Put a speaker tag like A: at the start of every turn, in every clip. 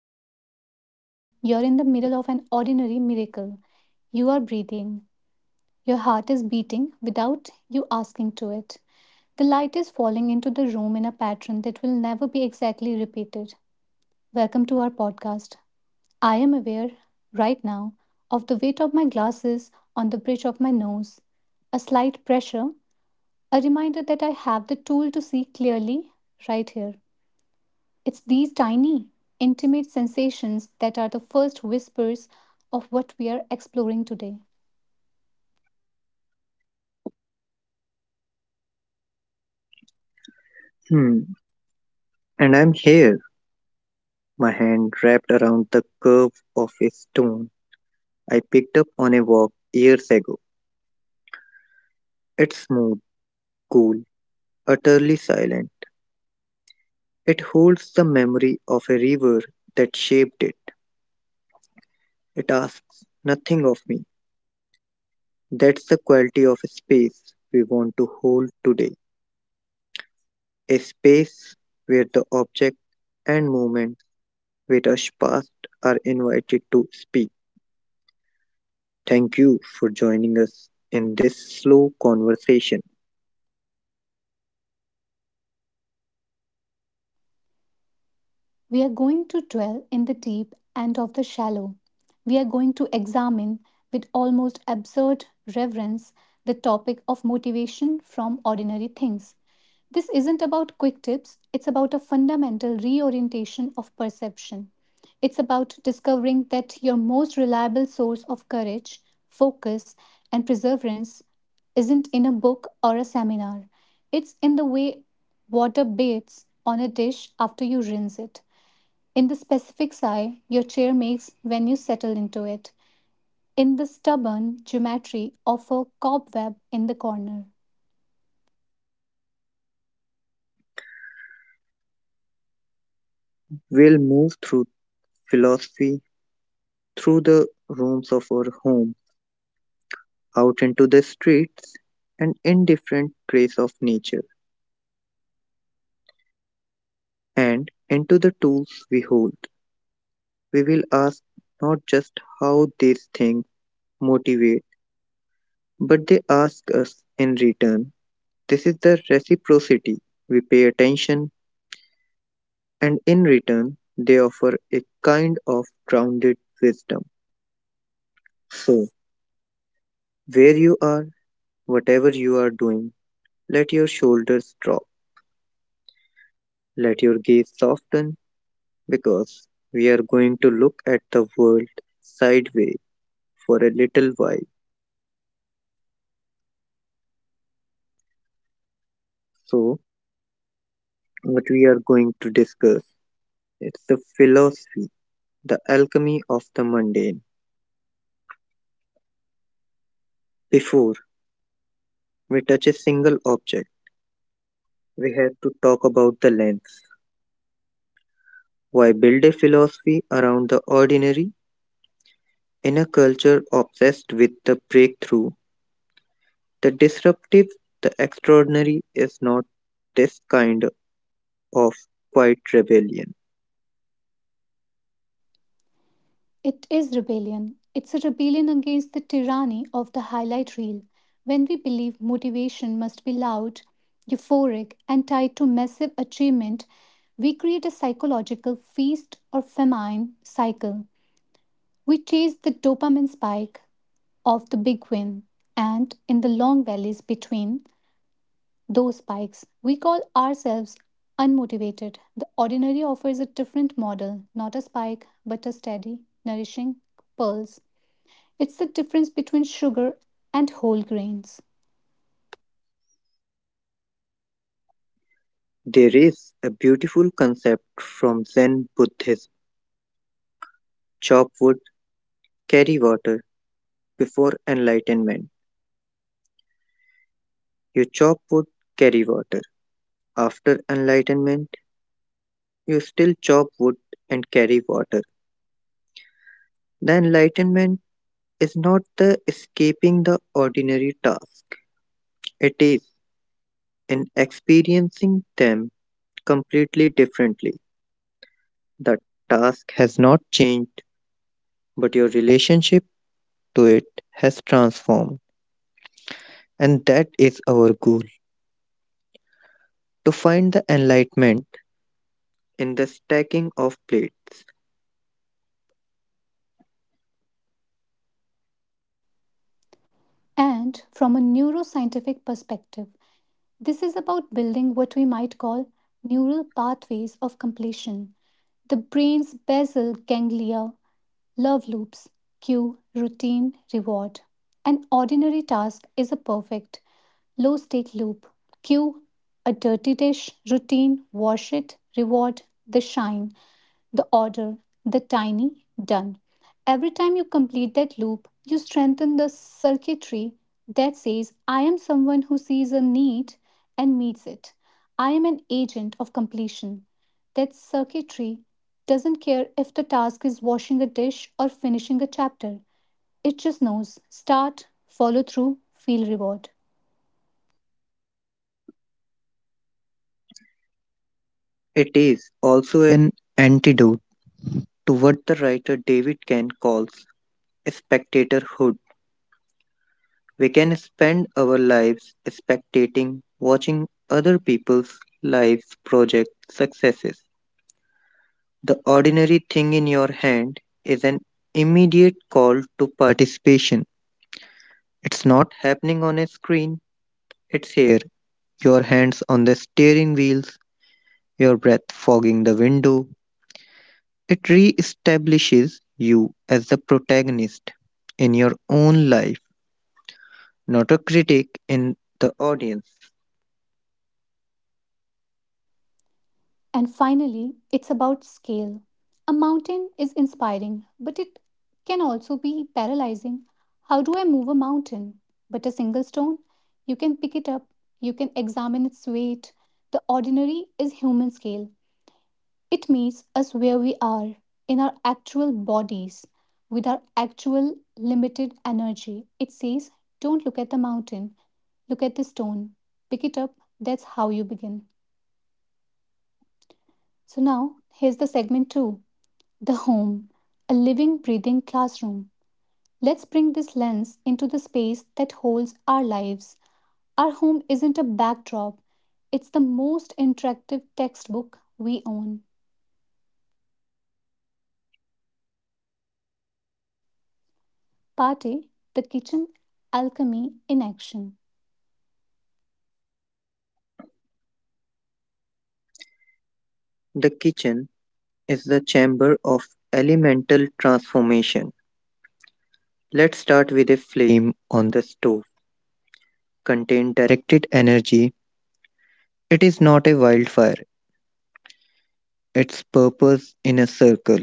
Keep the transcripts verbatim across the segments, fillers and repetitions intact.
A: you're listening right now, you're in the middle of an ordinary miracle. You are breathing. Your heart is beating without you asking to it. The light is falling into the room in a pattern that will never be exactly repeated. Welcome to our podcast. I am aware, right now, of the weight of my glasses on the bridge of my nose, a slight pressure, a reminder that I have the tool to see clearly right here. It's these tiny, intimate sensations that are the first whispers of what we are exploring today.
B: Hmm. And I'm here, my hand wrapped around the curve of a stone I picked up on a walk years ago. It's smooth, cool, utterly silent. It holds the memory of a river that shaped it. It asks nothing of me. That's the quality of space we want to hold today. A space where the object and moments with us past are invited to speak. Thank you for joining us in this slow conversation.
A: We are going to dwell in the deep and of the shallow. We are going to examine with almost absurd reverence the topic of motivation from ordinary things. This isn't about quick tips, it's about a fundamental reorientation of perception. It's about discovering that your most reliable source of courage, focus, and perseverance isn't in a book or a seminar. It's in the way water bathes on a dish after you rinse it, in the specific sigh your chair makes when you settle into it, in the stubborn geometry of a cobweb in the corner.
B: We'll move through philosophy, through the rooms of our home, out into the streets, and in different grace of nature, and into the tools we hold. We will ask not just how these things motivate, but they ask us in return. This is the reciprocity. We pay attention, and in return, they offer a kind of grounded wisdom. So, where you are, whatever you are doing, let your shoulders drop. Let your gaze soften because we are going to look at the world sideways for a little while. So, what we are going to discuss is the philosophy, the alchemy of the mundane. Before we touch a single object, we have to talk about the lens. Why build a philosophy around the ordinary in a culture obsessed with the breakthrough? The disruptive, the extraordinary is not this kind of quiet rebellion.
A: It is rebellion. It's a rebellion against the tyranny of the highlight reel, when we believe motivation must be loud, euphoric, and tied to massive achievement. We create a psychological feast or famine cycle. We chase the dopamine spike of the big win, and in the long valleys between, those spikes, we call ourselves unmotivated. The ordinary offers a different model, not a spike, but a steady, nourishing pulse. It's the difference between sugar and whole grains.
B: There is a beautiful concept from Zen Buddhism: chop wood, carry water. Before enlightenment, you chop wood, carry water. After enlightenment, you still chop wood and carry water. The enlightenment is not the escaping the ordinary task, it is in experiencing them completely differently. The task has not changed, but your relationship to it has transformed, and that is our goal, to find the enlightenment in the stacking of plates.
A: And from a neuroscientific perspective, this is about building what we might call neural pathways of completion. The brain's basal ganglia love loops, cue, routine, reward. An ordinary task is a perfect, low stake loop. Cue, a dirty dish, routine, wash it, reward, the shine, the order, the tiny, done. Every time you complete that loop, you strengthen the circuitry that says, I am someone who sees a need and meets it. I am an agent of completion. That circuitry doesn't care if the task is washing a dish or finishing a chapter. It just knows start, follow through, feel reward.
B: It is also an antidote to what the writer David Ken calls spectatorhood. We can spend our lives spectating, watching other people's lives, projects, successes. The ordinary thing in your hand is an immediate call to participation. It's not happening on a screen, it's here. Your hands on the steering wheels, your breath fogging the window, it re-establishes you as the protagonist in your own life, not a critic in the audience.
A: And finally, it's about scale. A mountain is inspiring, but it can also be paralyzing. How do I move a mountain? But a single stone, you can pick it up, you can examine its weight. The ordinary is human scale. It meets us where we are, in our actual bodies, with our actual limited energy. It says, don't look at the mountain, look at the stone, pick it up. That's how you begin. So now, here's the segment two. The home, a living, breathing classroom. Let's bring this lens into the space that holds our lives. Our home isn't a backdrop, it's the most interactive textbook we own. Part A, the kitchen, alchemy in action.
B: The kitchen is the chamber of elemental transformation. Let's start with a flame on the stove. Contain directed energy. It is not a wildfire, its purpose in a circle.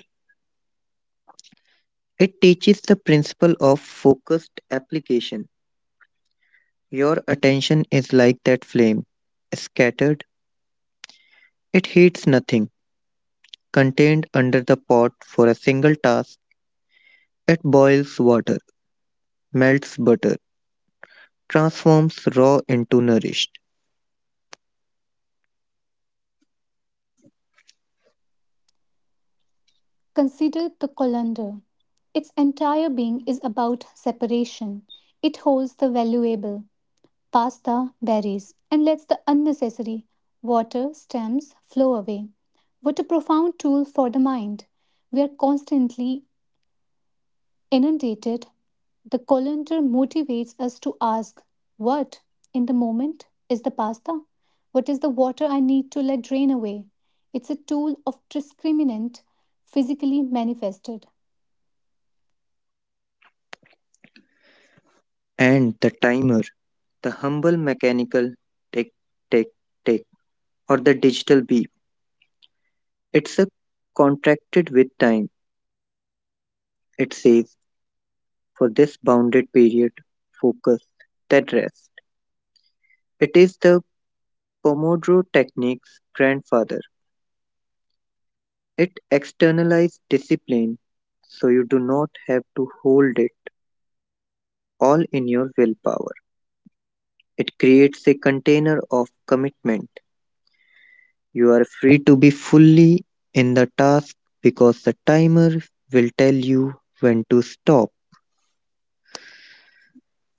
B: It teaches the principle of focused application. Your attention is like that flame, scattered, it heats nothing contained under the pot for a single task, it boils water, melts butter, transforms raw into nourished.
A: Consider the colander. Its entire being is about separation. It holds the valuable, pasta, berries, and lets the unnecessary water stems flow away. What a profound tool for the mind. We are constantly inundated. The colander motivates us to ask, what in the moment is the pasta? What is the water I need to let drain away? It's a tool of discriminant, physically manifested.
B: And the timer, the humble mechanical tick, tick, tick, or the digital beep, it's a contracted with time. It says, for this bounded period, focus, then rest. It is the Pomodoro technique's grandfather. It externalizes discipline so you do not have to hold it all in your willpower. It creates a container of commitment. You are free to be fully in the task because the timer will tell you when to stop.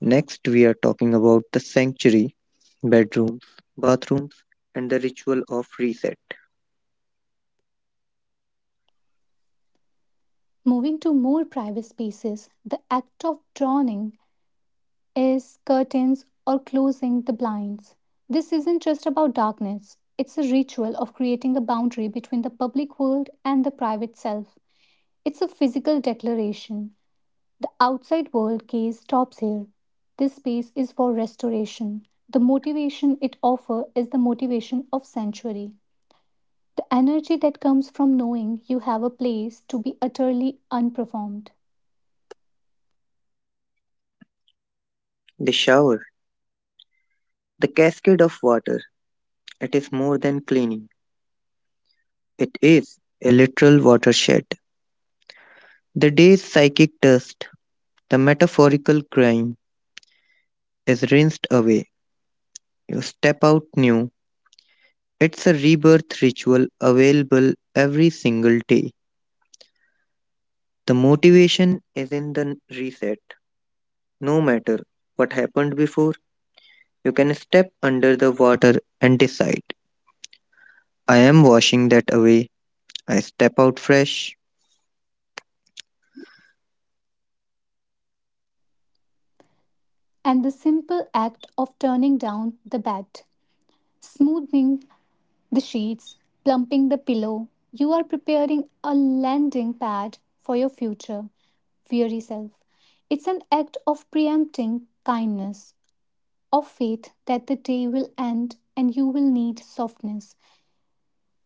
B: Next, we are talking about the sanctuary, bedrooms, bathrooms, and the ritual of reset.
A: Moving to more private spaces, the act of drawing is curtains or closing the blinds. This isn't just about darkness, it's a ritual of creating a boundary between the public world and the private self. It's a physical declaration. The outside world gaze stops here. This space is for restoration. The motivation it offers is the motivation of sanctuary. The energy that comes from knowing you have a place to be utterly unperformed.
B: The shower, the cascade of water, it is more than cleaning, it is a literal watershed. The day's psychic dust, the metaphorical grime, is rinsed away. You step out new. It's a rebirth ritual available every single day. The motivation is in the n- reset. No matter what happened before, you can step under the water and decide, I am washing that away. I step out fresh.
A: And the simple act of turning down the bed, smoothing the sheets, plumping the pillow. You are preparing a landing pad for your future, weary self. It's an act of preempting kindness, of faith that the day will end and you will need softness.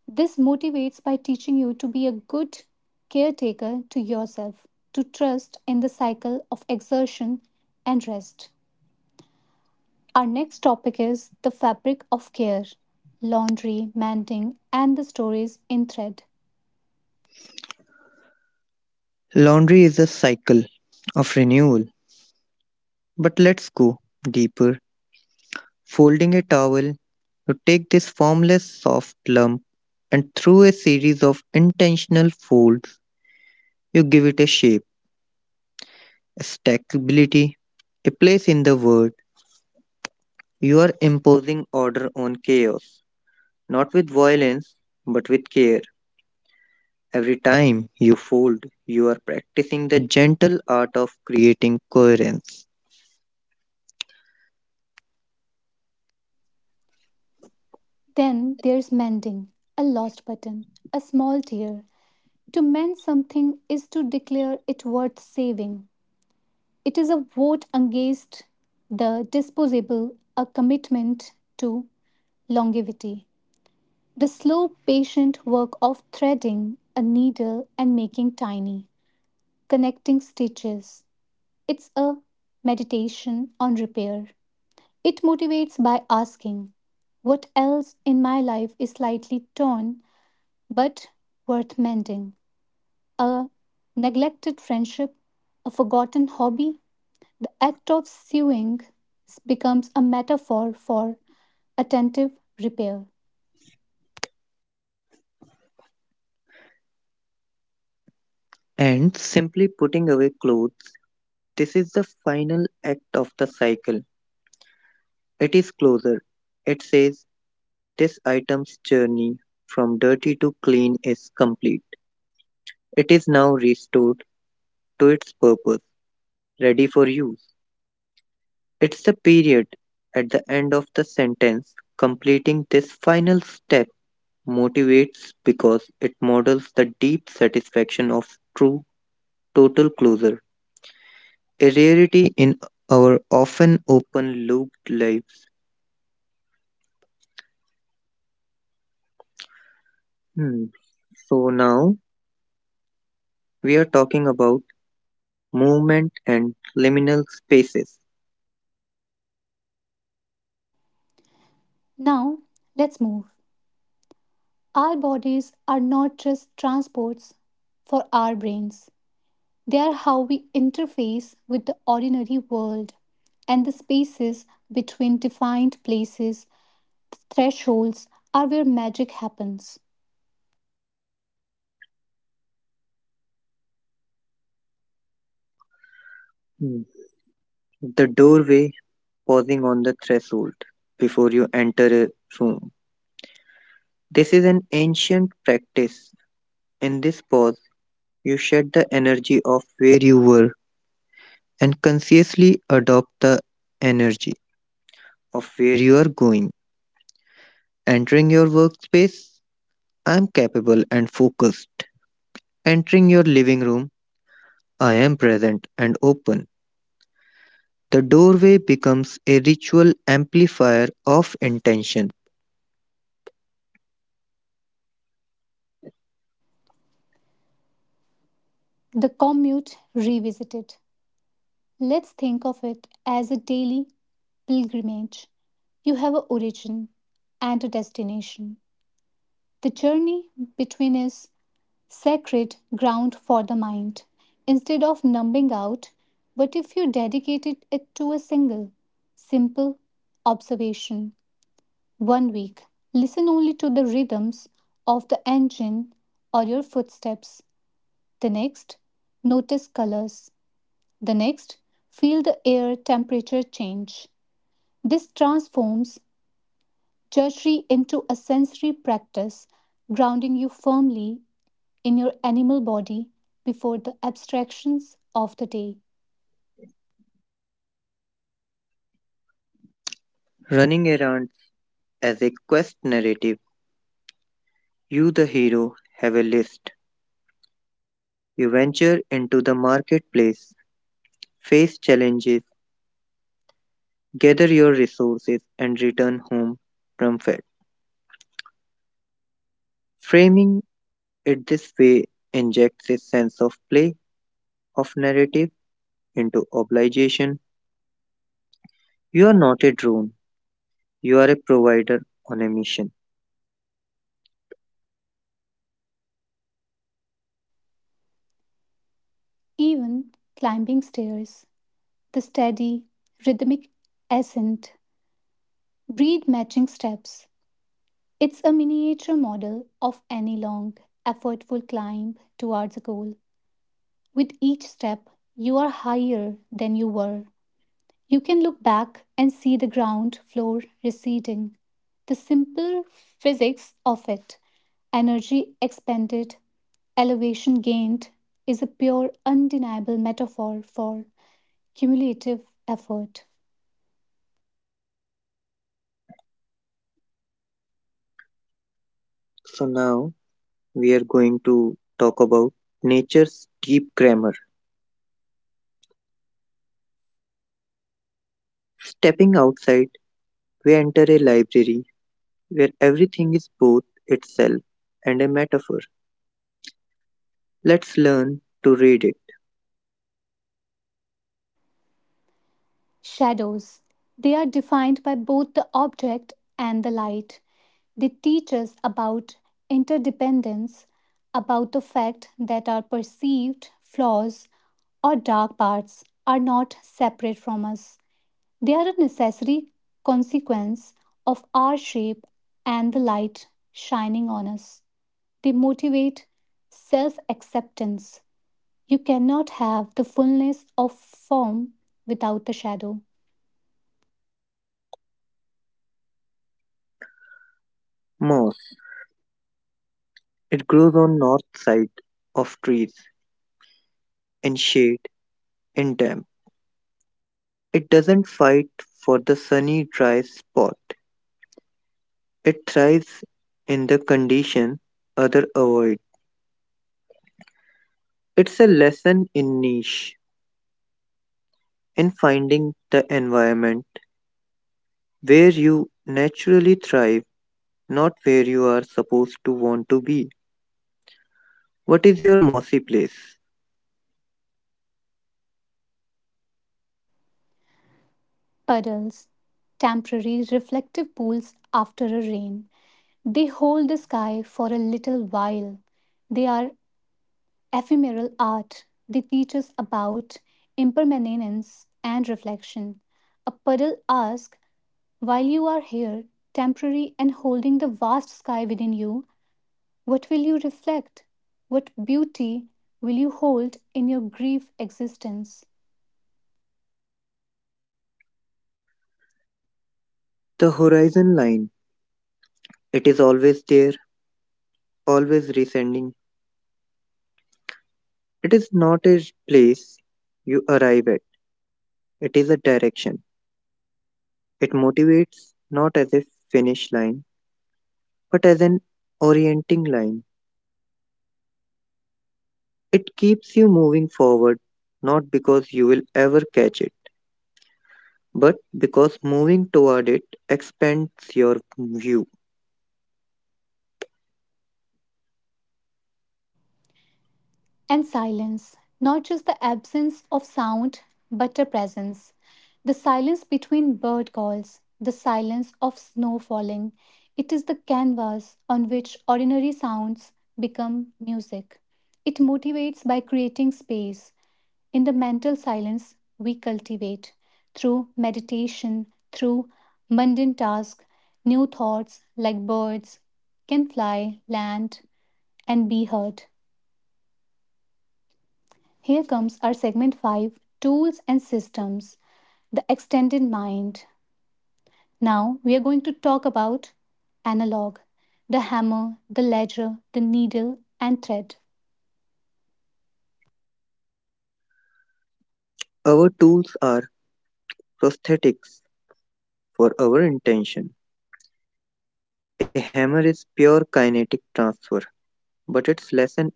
A: This motivates by teaching you to be a good caretaker to yourself, to trust in the cycle of exertion and rest. Our next topic is the fabric of care, laundry, mending, and the stories in thread.
B: Laundry is a cycle of renewal, but let's go deeper. Folding a towel, you take this formless soft lump and through a series of intentional folds, you give it a shape, a stackability, a place in the world. You are imposing order on chaos, not with violence, but with care. Every time you fold, you are practicing the gentle art of creating coherence.
A: Then there's mending, a lost button, a small tear. To mend something is to declare it worth saving. It is a vote against the disposable, a commitment to longevity. The slow, patient work of threading a needle and making tiny, connecting stitches. It's a meditation on repair. It motivates by asking, what else in my life is slightly torn but worth mending? A neglected friendship, a forgotten hobby, the act of sewing becomes a metaphor for attentive repair.
B: And simply putting away clothes, this is the final act of the cycle. It is closer. It says, this item's journey from dirty to clean is complete. It is now restored to its purpose, ready for use. It's the period at the end of the sentence completing this final step motivates because it models the deep satisfaction of true total closure, a rarity in our often open looped lives. Hmm, So now we are talking about movement and liminal spaces.
A: Now, let's move. Our bodies are not just transports for our brains, they are how we interface with the ordinary world, and the spaces between defined places, thresholds, are where magic happens.
B: Hmm, The doorway pausing on the threshold before you enter a room. This is an ancient practice. In this pause, you shed the energy of where you were and consciously adopt the energy of where you are going. Entering your workspace, I am capable and focused. Entering your living room, I am present and open. The doorway becomes a ritual amplifier of intention.
A: The commute revisited. Let's think of it as a daily pilgrimage. You have an origin and a destination. The journey between is sacred ground for the mind. Instead of numbing out, what if you dedicated it to a single, simple observation? One week, listen only to the rhythms of the engine or your footsteps. The next, notice colors. The next, feel the air temperature change. This transforms tertiary into a sensory practice, grounding you firmly in your animal body before the abstractions of the day.
B: Running errands as a quest narrative, you, the hero, have a list. You venture into the marketplace, face challenges, gather your resources and return home triumphant. Framing it this way injects a sense of play, of narrative into obligation. You are not a drone, you are a provider on a mission.
A: Even climbing stairs, the steady, rhythmic ascent, breathe matching steps. It's a miniature model of any long, effortful climb towards a goal. With each step, you are higher than you were. You can look back and see the ground floor receding, the simple physics of it. Energy expended, elevation gained is a pure, undeniable metaphor for cumulative effort.
B: So now we are going to talk about nature's deep grammar. Stepping outside, we enter a library where everything is both itself and a metaphor. Let's learn to read it.
A: Shadows. They are defined by both the object and the light. They teach us about interdependence, about the fact that our perceived flaws or dark parts are not separate from us. They are a necessary consequence of our shape and the light shining on us. They motivate self acceptance. You cannot have the fullness of form without the shadow.
B: Moss. It grows on north side of trees, and shade and damp. It doesn't fight for the sunny, dry spot. It thrives in the condition other avoid. It's a lesson in niche, in finding the environment where you naturally thrive, not where you are supposed to want to be. What is your mossy place?
A: Puddles, temporary reflective pools after a rain. They hold the sky for a little while. They are ephemeral art. They teach us about impermanence and reflection. A puddle asks, while you are here, temporary and holding the vast sky within you, what will you reflect? What beauty will you hold in your grief existence?
B: The horizon line. It is always there, always descending. It is not a place you arrive at. It is a direction. It motivates not as a finish line, but as an orienting line. It keeps you moving forward, not because you will ever catch it, but because moving toward it expands your view.
A: And silence, not just the absence of sound, but a presence. The silence between bird calls, the silence of snow falling. It is the canvas on which ordinary sounds become music. It motivates by creating space. In the mental silence we cultivate through meditation, through mundane tasks, new thoughts like birds can fly, land, and be heard. Here comes our segment five. Tools and systems, the extended mind. Now we are going to talk about analog, the hammer, the ledger, the needle, and thread.
B: Our tools are prosthetics for our intention. A hammer is pure kinetic transfer, but its lesson is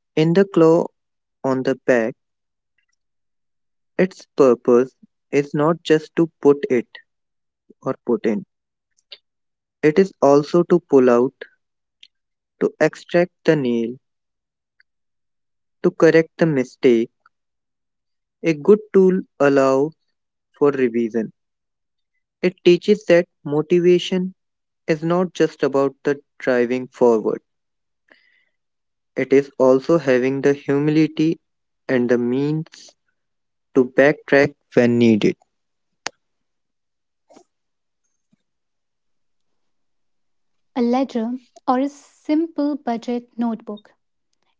B: in the claw on the back. Its purpose is not just to put it or put in, it is also to pull out to extract the nail, to correct the mistake. A good tool allows for revision. It teaches that motivation is not just about the driving forward, it is also having the humility and the means to backtrack when needed.
A: A ledger or a simple budget notebook.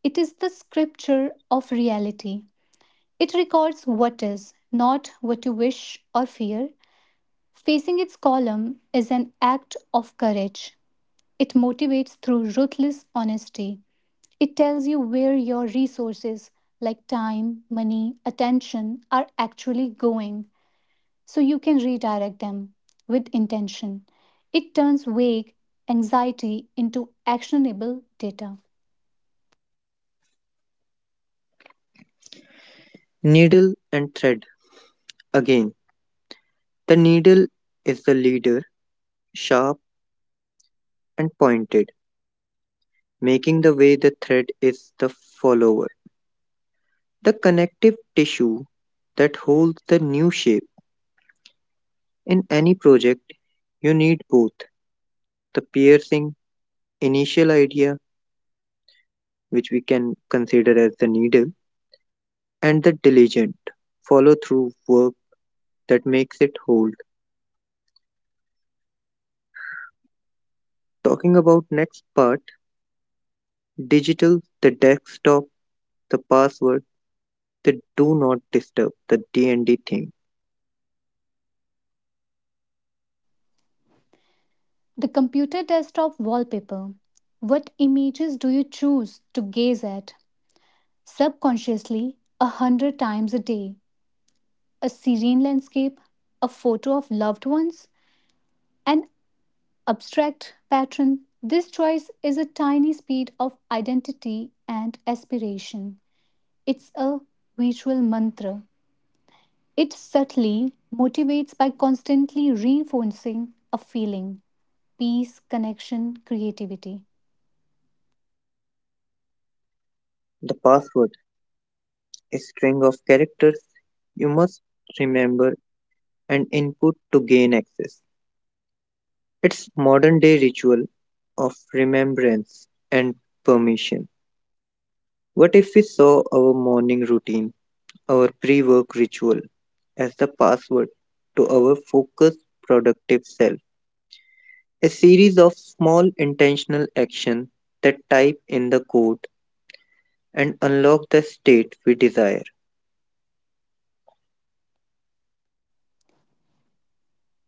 A: It is the scripture of reality. It records what is, not what you wish or fear. Facing its column is an act of courage. It motivates through ruthless honesty. It tells you where your resources, like time, money, attention, are actually going, so you can redirect them with intention. It turns vague anxiety into actionable data.
B: Needle and thread again. The needle is the leader, sharp and pointed, making the way the thread is the follower. The connective tissue that holds the new shape. In any project, you need both the piercing initial idea, which we can consider as the needle, and the diligent follow through work that makes it hold. Talking about next part digital, the desktop, the password, the do not disturb, the D N D thing.
A: The computer desktop wallpaper. What images do you choose to gaze at subconsciously a hundred times a day? A serene landscape, a photo of loved ones, an abstract pattern. This choice is a tiny speed of identity and aspiration. It's a visual mantra. It subtly motivates by constantly reinforcing a feeling, peace, connection, creativity.
B: The password, a string of characters you must remember and input to gain access. It's modern day ritual of remembrance and permission. What if we saw our morning routine, our pre work ritual, as the password to our focused, productive self? A series of small intentional actions that type in the code and unlock the state we desire.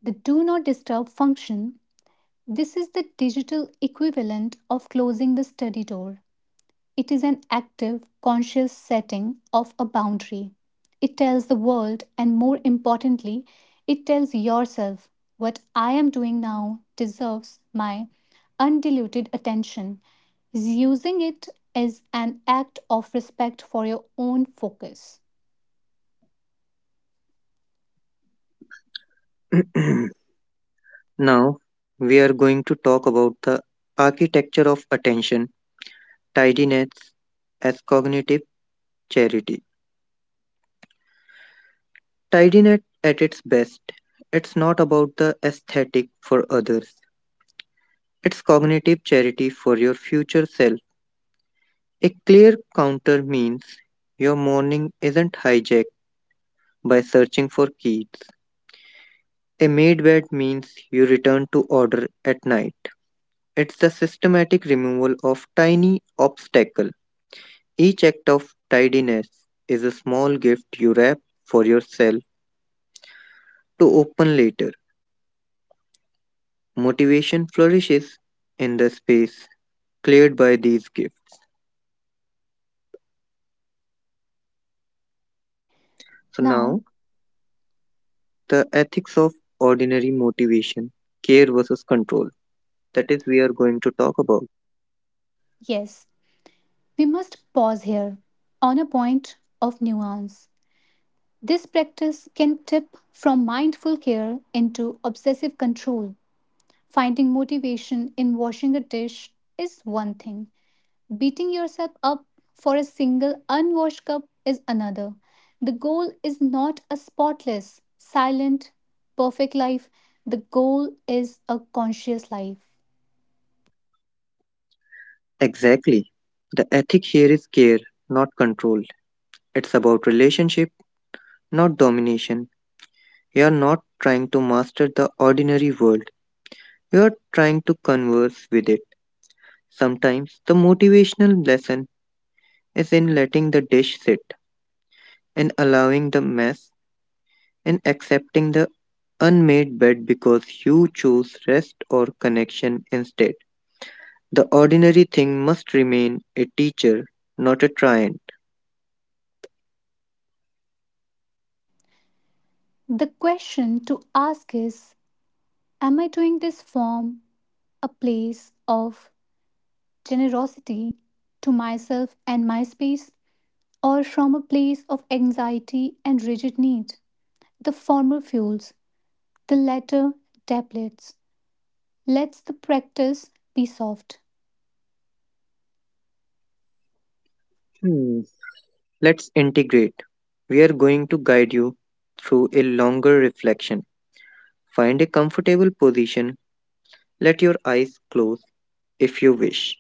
A: The do not disturb function, this is the digital equivalent of closing the study door. It is an active, conscious setting of a boundary. It tells the world, and more importantly, it tells yourself, what I am doing now deserves my undiluted attention. Using it is an act of respect for your own focus.
B: Now, we are going to talk about the architecture of attention, tidiness, as cognitive charity. Tidiness at its best, it's not about the aesthetic for others, it's cognitive charity for your future self. A clear counter means your morning isn't hijacked by searching for keys. A made bed means you return to order at night. It's the systematic removal of tiny obstacle. Each act of tidiness is a small gift you wrap for yourself to open later. Motivation flourishes in the space cleared by these gifts. So
A: Now,
B: now the ethics of ordinary motivation, care versus control. That is we are going to talk about.
A: yes, we must pause here on a point of nuance. This practice can tip from mindful care into obsessive control. Finding motivation in washing a dish is one thing, beating yourself up for a single unwashed cup is another. The goal is not a spotless, silent, perfect life, the goal is a conscious life.
B: Exactly. The ethic here is care, not control. It's about relationship, not domination. You are not trying to master the ordinary world. You are trying to converse with it. Sometimes the motivational lesson is in letting the dish sit and allowing the mess and accepting the unmade bed because you choose rest or connection instead. The ordinary thing must remain a teacher, not a tyrant.
A: The question to ask is, am I doing this from a place of generosity to myself and my space, or from a place of anxiety and rigid need? The former fuels. The latter, tablets, lets the practice be soft.
B: Hmm. Let's integrate. We are going to guide you through a longer reflection. Find a comfortable position. Let your eyes close if you wish.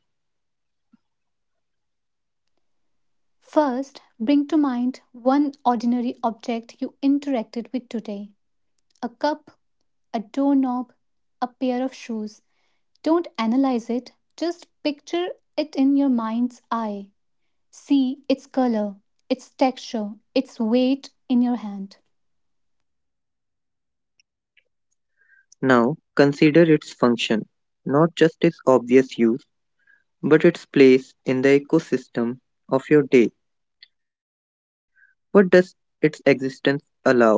A: First, bring to mind one ordinary object you interacted with today, a cup, a doorknob, a pair of shoes. Don't analyze it, just picture it in your mind's eye. See its color, its texture, its weight in your hand.
B: Now, consider its function, not just its obvious use, but its place in the ecosystem of your day. What does its existence allow?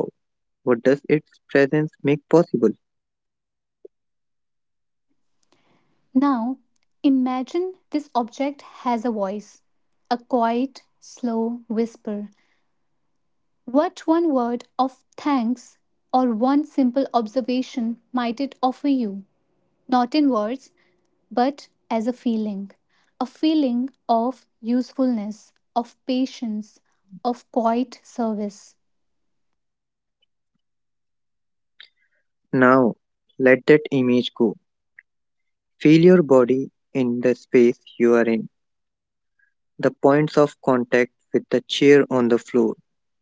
B: What does its presence make possible?
A: Now, imagine this object has a voice, a quiet, slow whisper. What one word of thanks or one simple observation might it offer you? Not in words, but as a feeling. A feeling of usefulness, of patience, of quiet service.
B: Now, let that image go. Feel your body in the space you are in, the points of contact with the chair on the floor,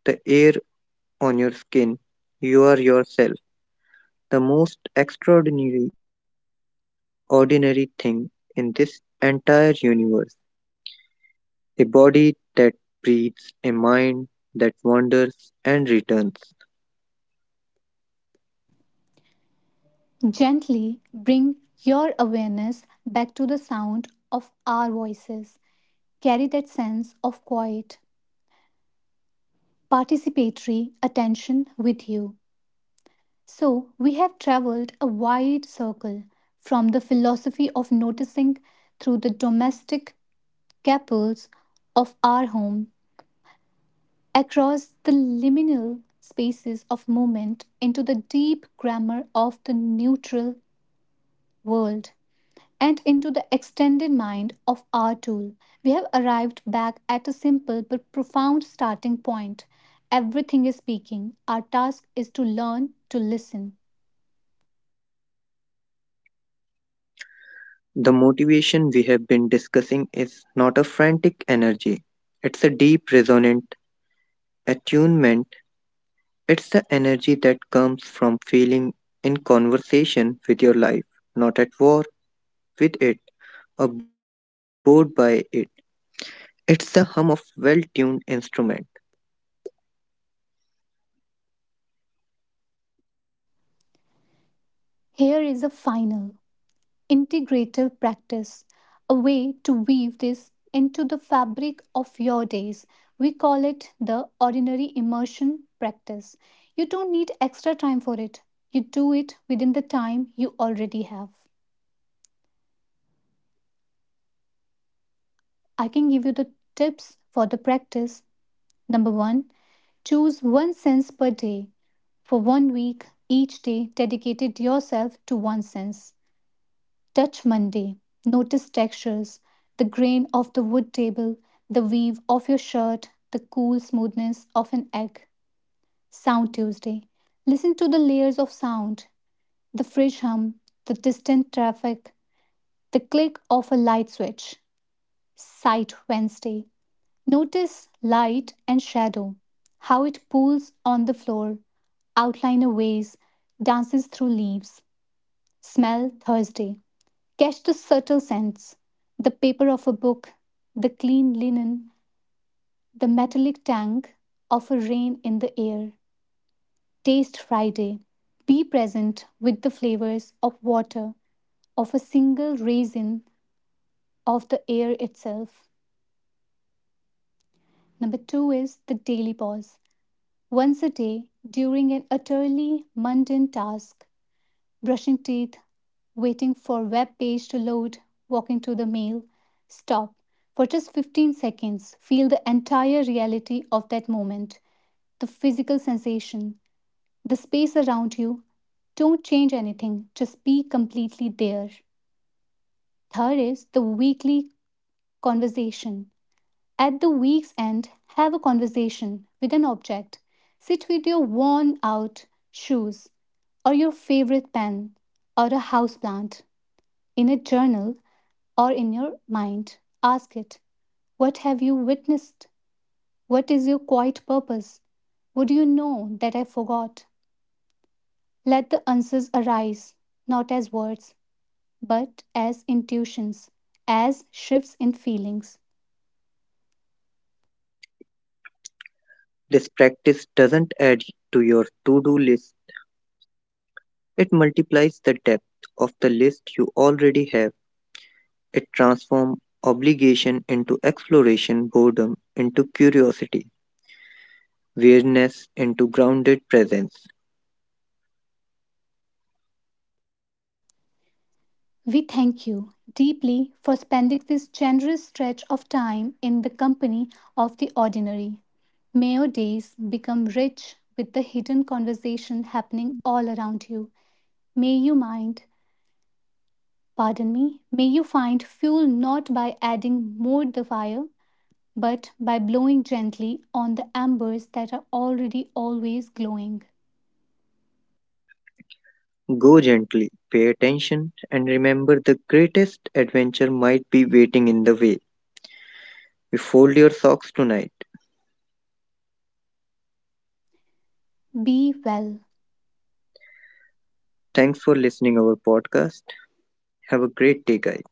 B: the air on your skin. You are yourself, the most extraordinary, ordinary thing in this entire universe. A body that breathes, a mind that wanders and returns.
A: Gently bring your awareness back to the sound of our voices. Carry that sense of quiet, participatory attention with you. So, we have traveled a wide circle, from the philosophy of noticing, through the domestic capsules of our home, across the liminal spaces of movement, into the deep grammar of the neutral world, and into the extended mind of our tool. We have arrived back at a simple but profound starting point. Everything is speaking. Our task is to learn to listen.
B: The motivation we have been discussing is not a frantic energy, it's a deep, resonant attunement. It's the energy that comes from feeling in conversation with your life, not at war with it or bored by it. It's the hum of well tuned instrument.
A: Here is a final integrative practice, a way to weave this into the fabric of your days. We call it the ordinary immersion practice. You don't need extra time for it, you do it within the time you already have. I can give you the tips for the practice. Number one, choose one sense per day. For one week, each day, dedicated yourself to one sense. Touch Monday. Notice textures, the grain of the wood table, the weave of your shirt, the cool smoothness of an egg. Sound Tuesday. Listen to the layers of sound, the fridge hum, the distant traffic, the click of a light switch. Sight Wednesday. Notice light and shadow, how it pools on the floor, outline a vase, dances through leaves. Smell Thursday. Catch the subtle scents, the paper of a book, the clean linen, the metallic tang of a rain in the air. Taste Friday. Be present with the flavors of water, of a single raisin, of the air itself. Number two is the daily pause. Once a day, during an utterly mundane task, brushing teeth, waiting for web page to load, walking to the mail. Stop. For just fifteen seconds, feel the entire reality of that moment, the physical sensation, the space around you. Don't change anything, just be completely there. Third is the weekly conversation. At the week's end, have a conversation with an object. Sit with your worn out shoes or your favorite pen or a houseplant, in a journal or in your mind. Ask it, what have you witnessed? What is your quiet purpose? Would you know that I forgot? Let the answers arise, not as words, but as intuitions, as shifts in feelings.
B: This practice doesn't add to your to do list, it multiplies the depth of the list you already have. It transforms obligation into exploration, boredom into curiosity, weirdness into grounded presence.
A: We thank you deeply for spending this generous stretch of time in the company of the ordinary. May your days become rich with the hidden conversation happening all around you. May you mind Pardon me, may you find fuel, not by adding more the fire, but by blowing gently on the embers that are already always glowing.
B: Go gently, pay attention, and remember the greatest adventure might be waiting in the way you fold your socks tonight.
A: Be well.
B: Thanks for listening our podcast. Have a great day, guys.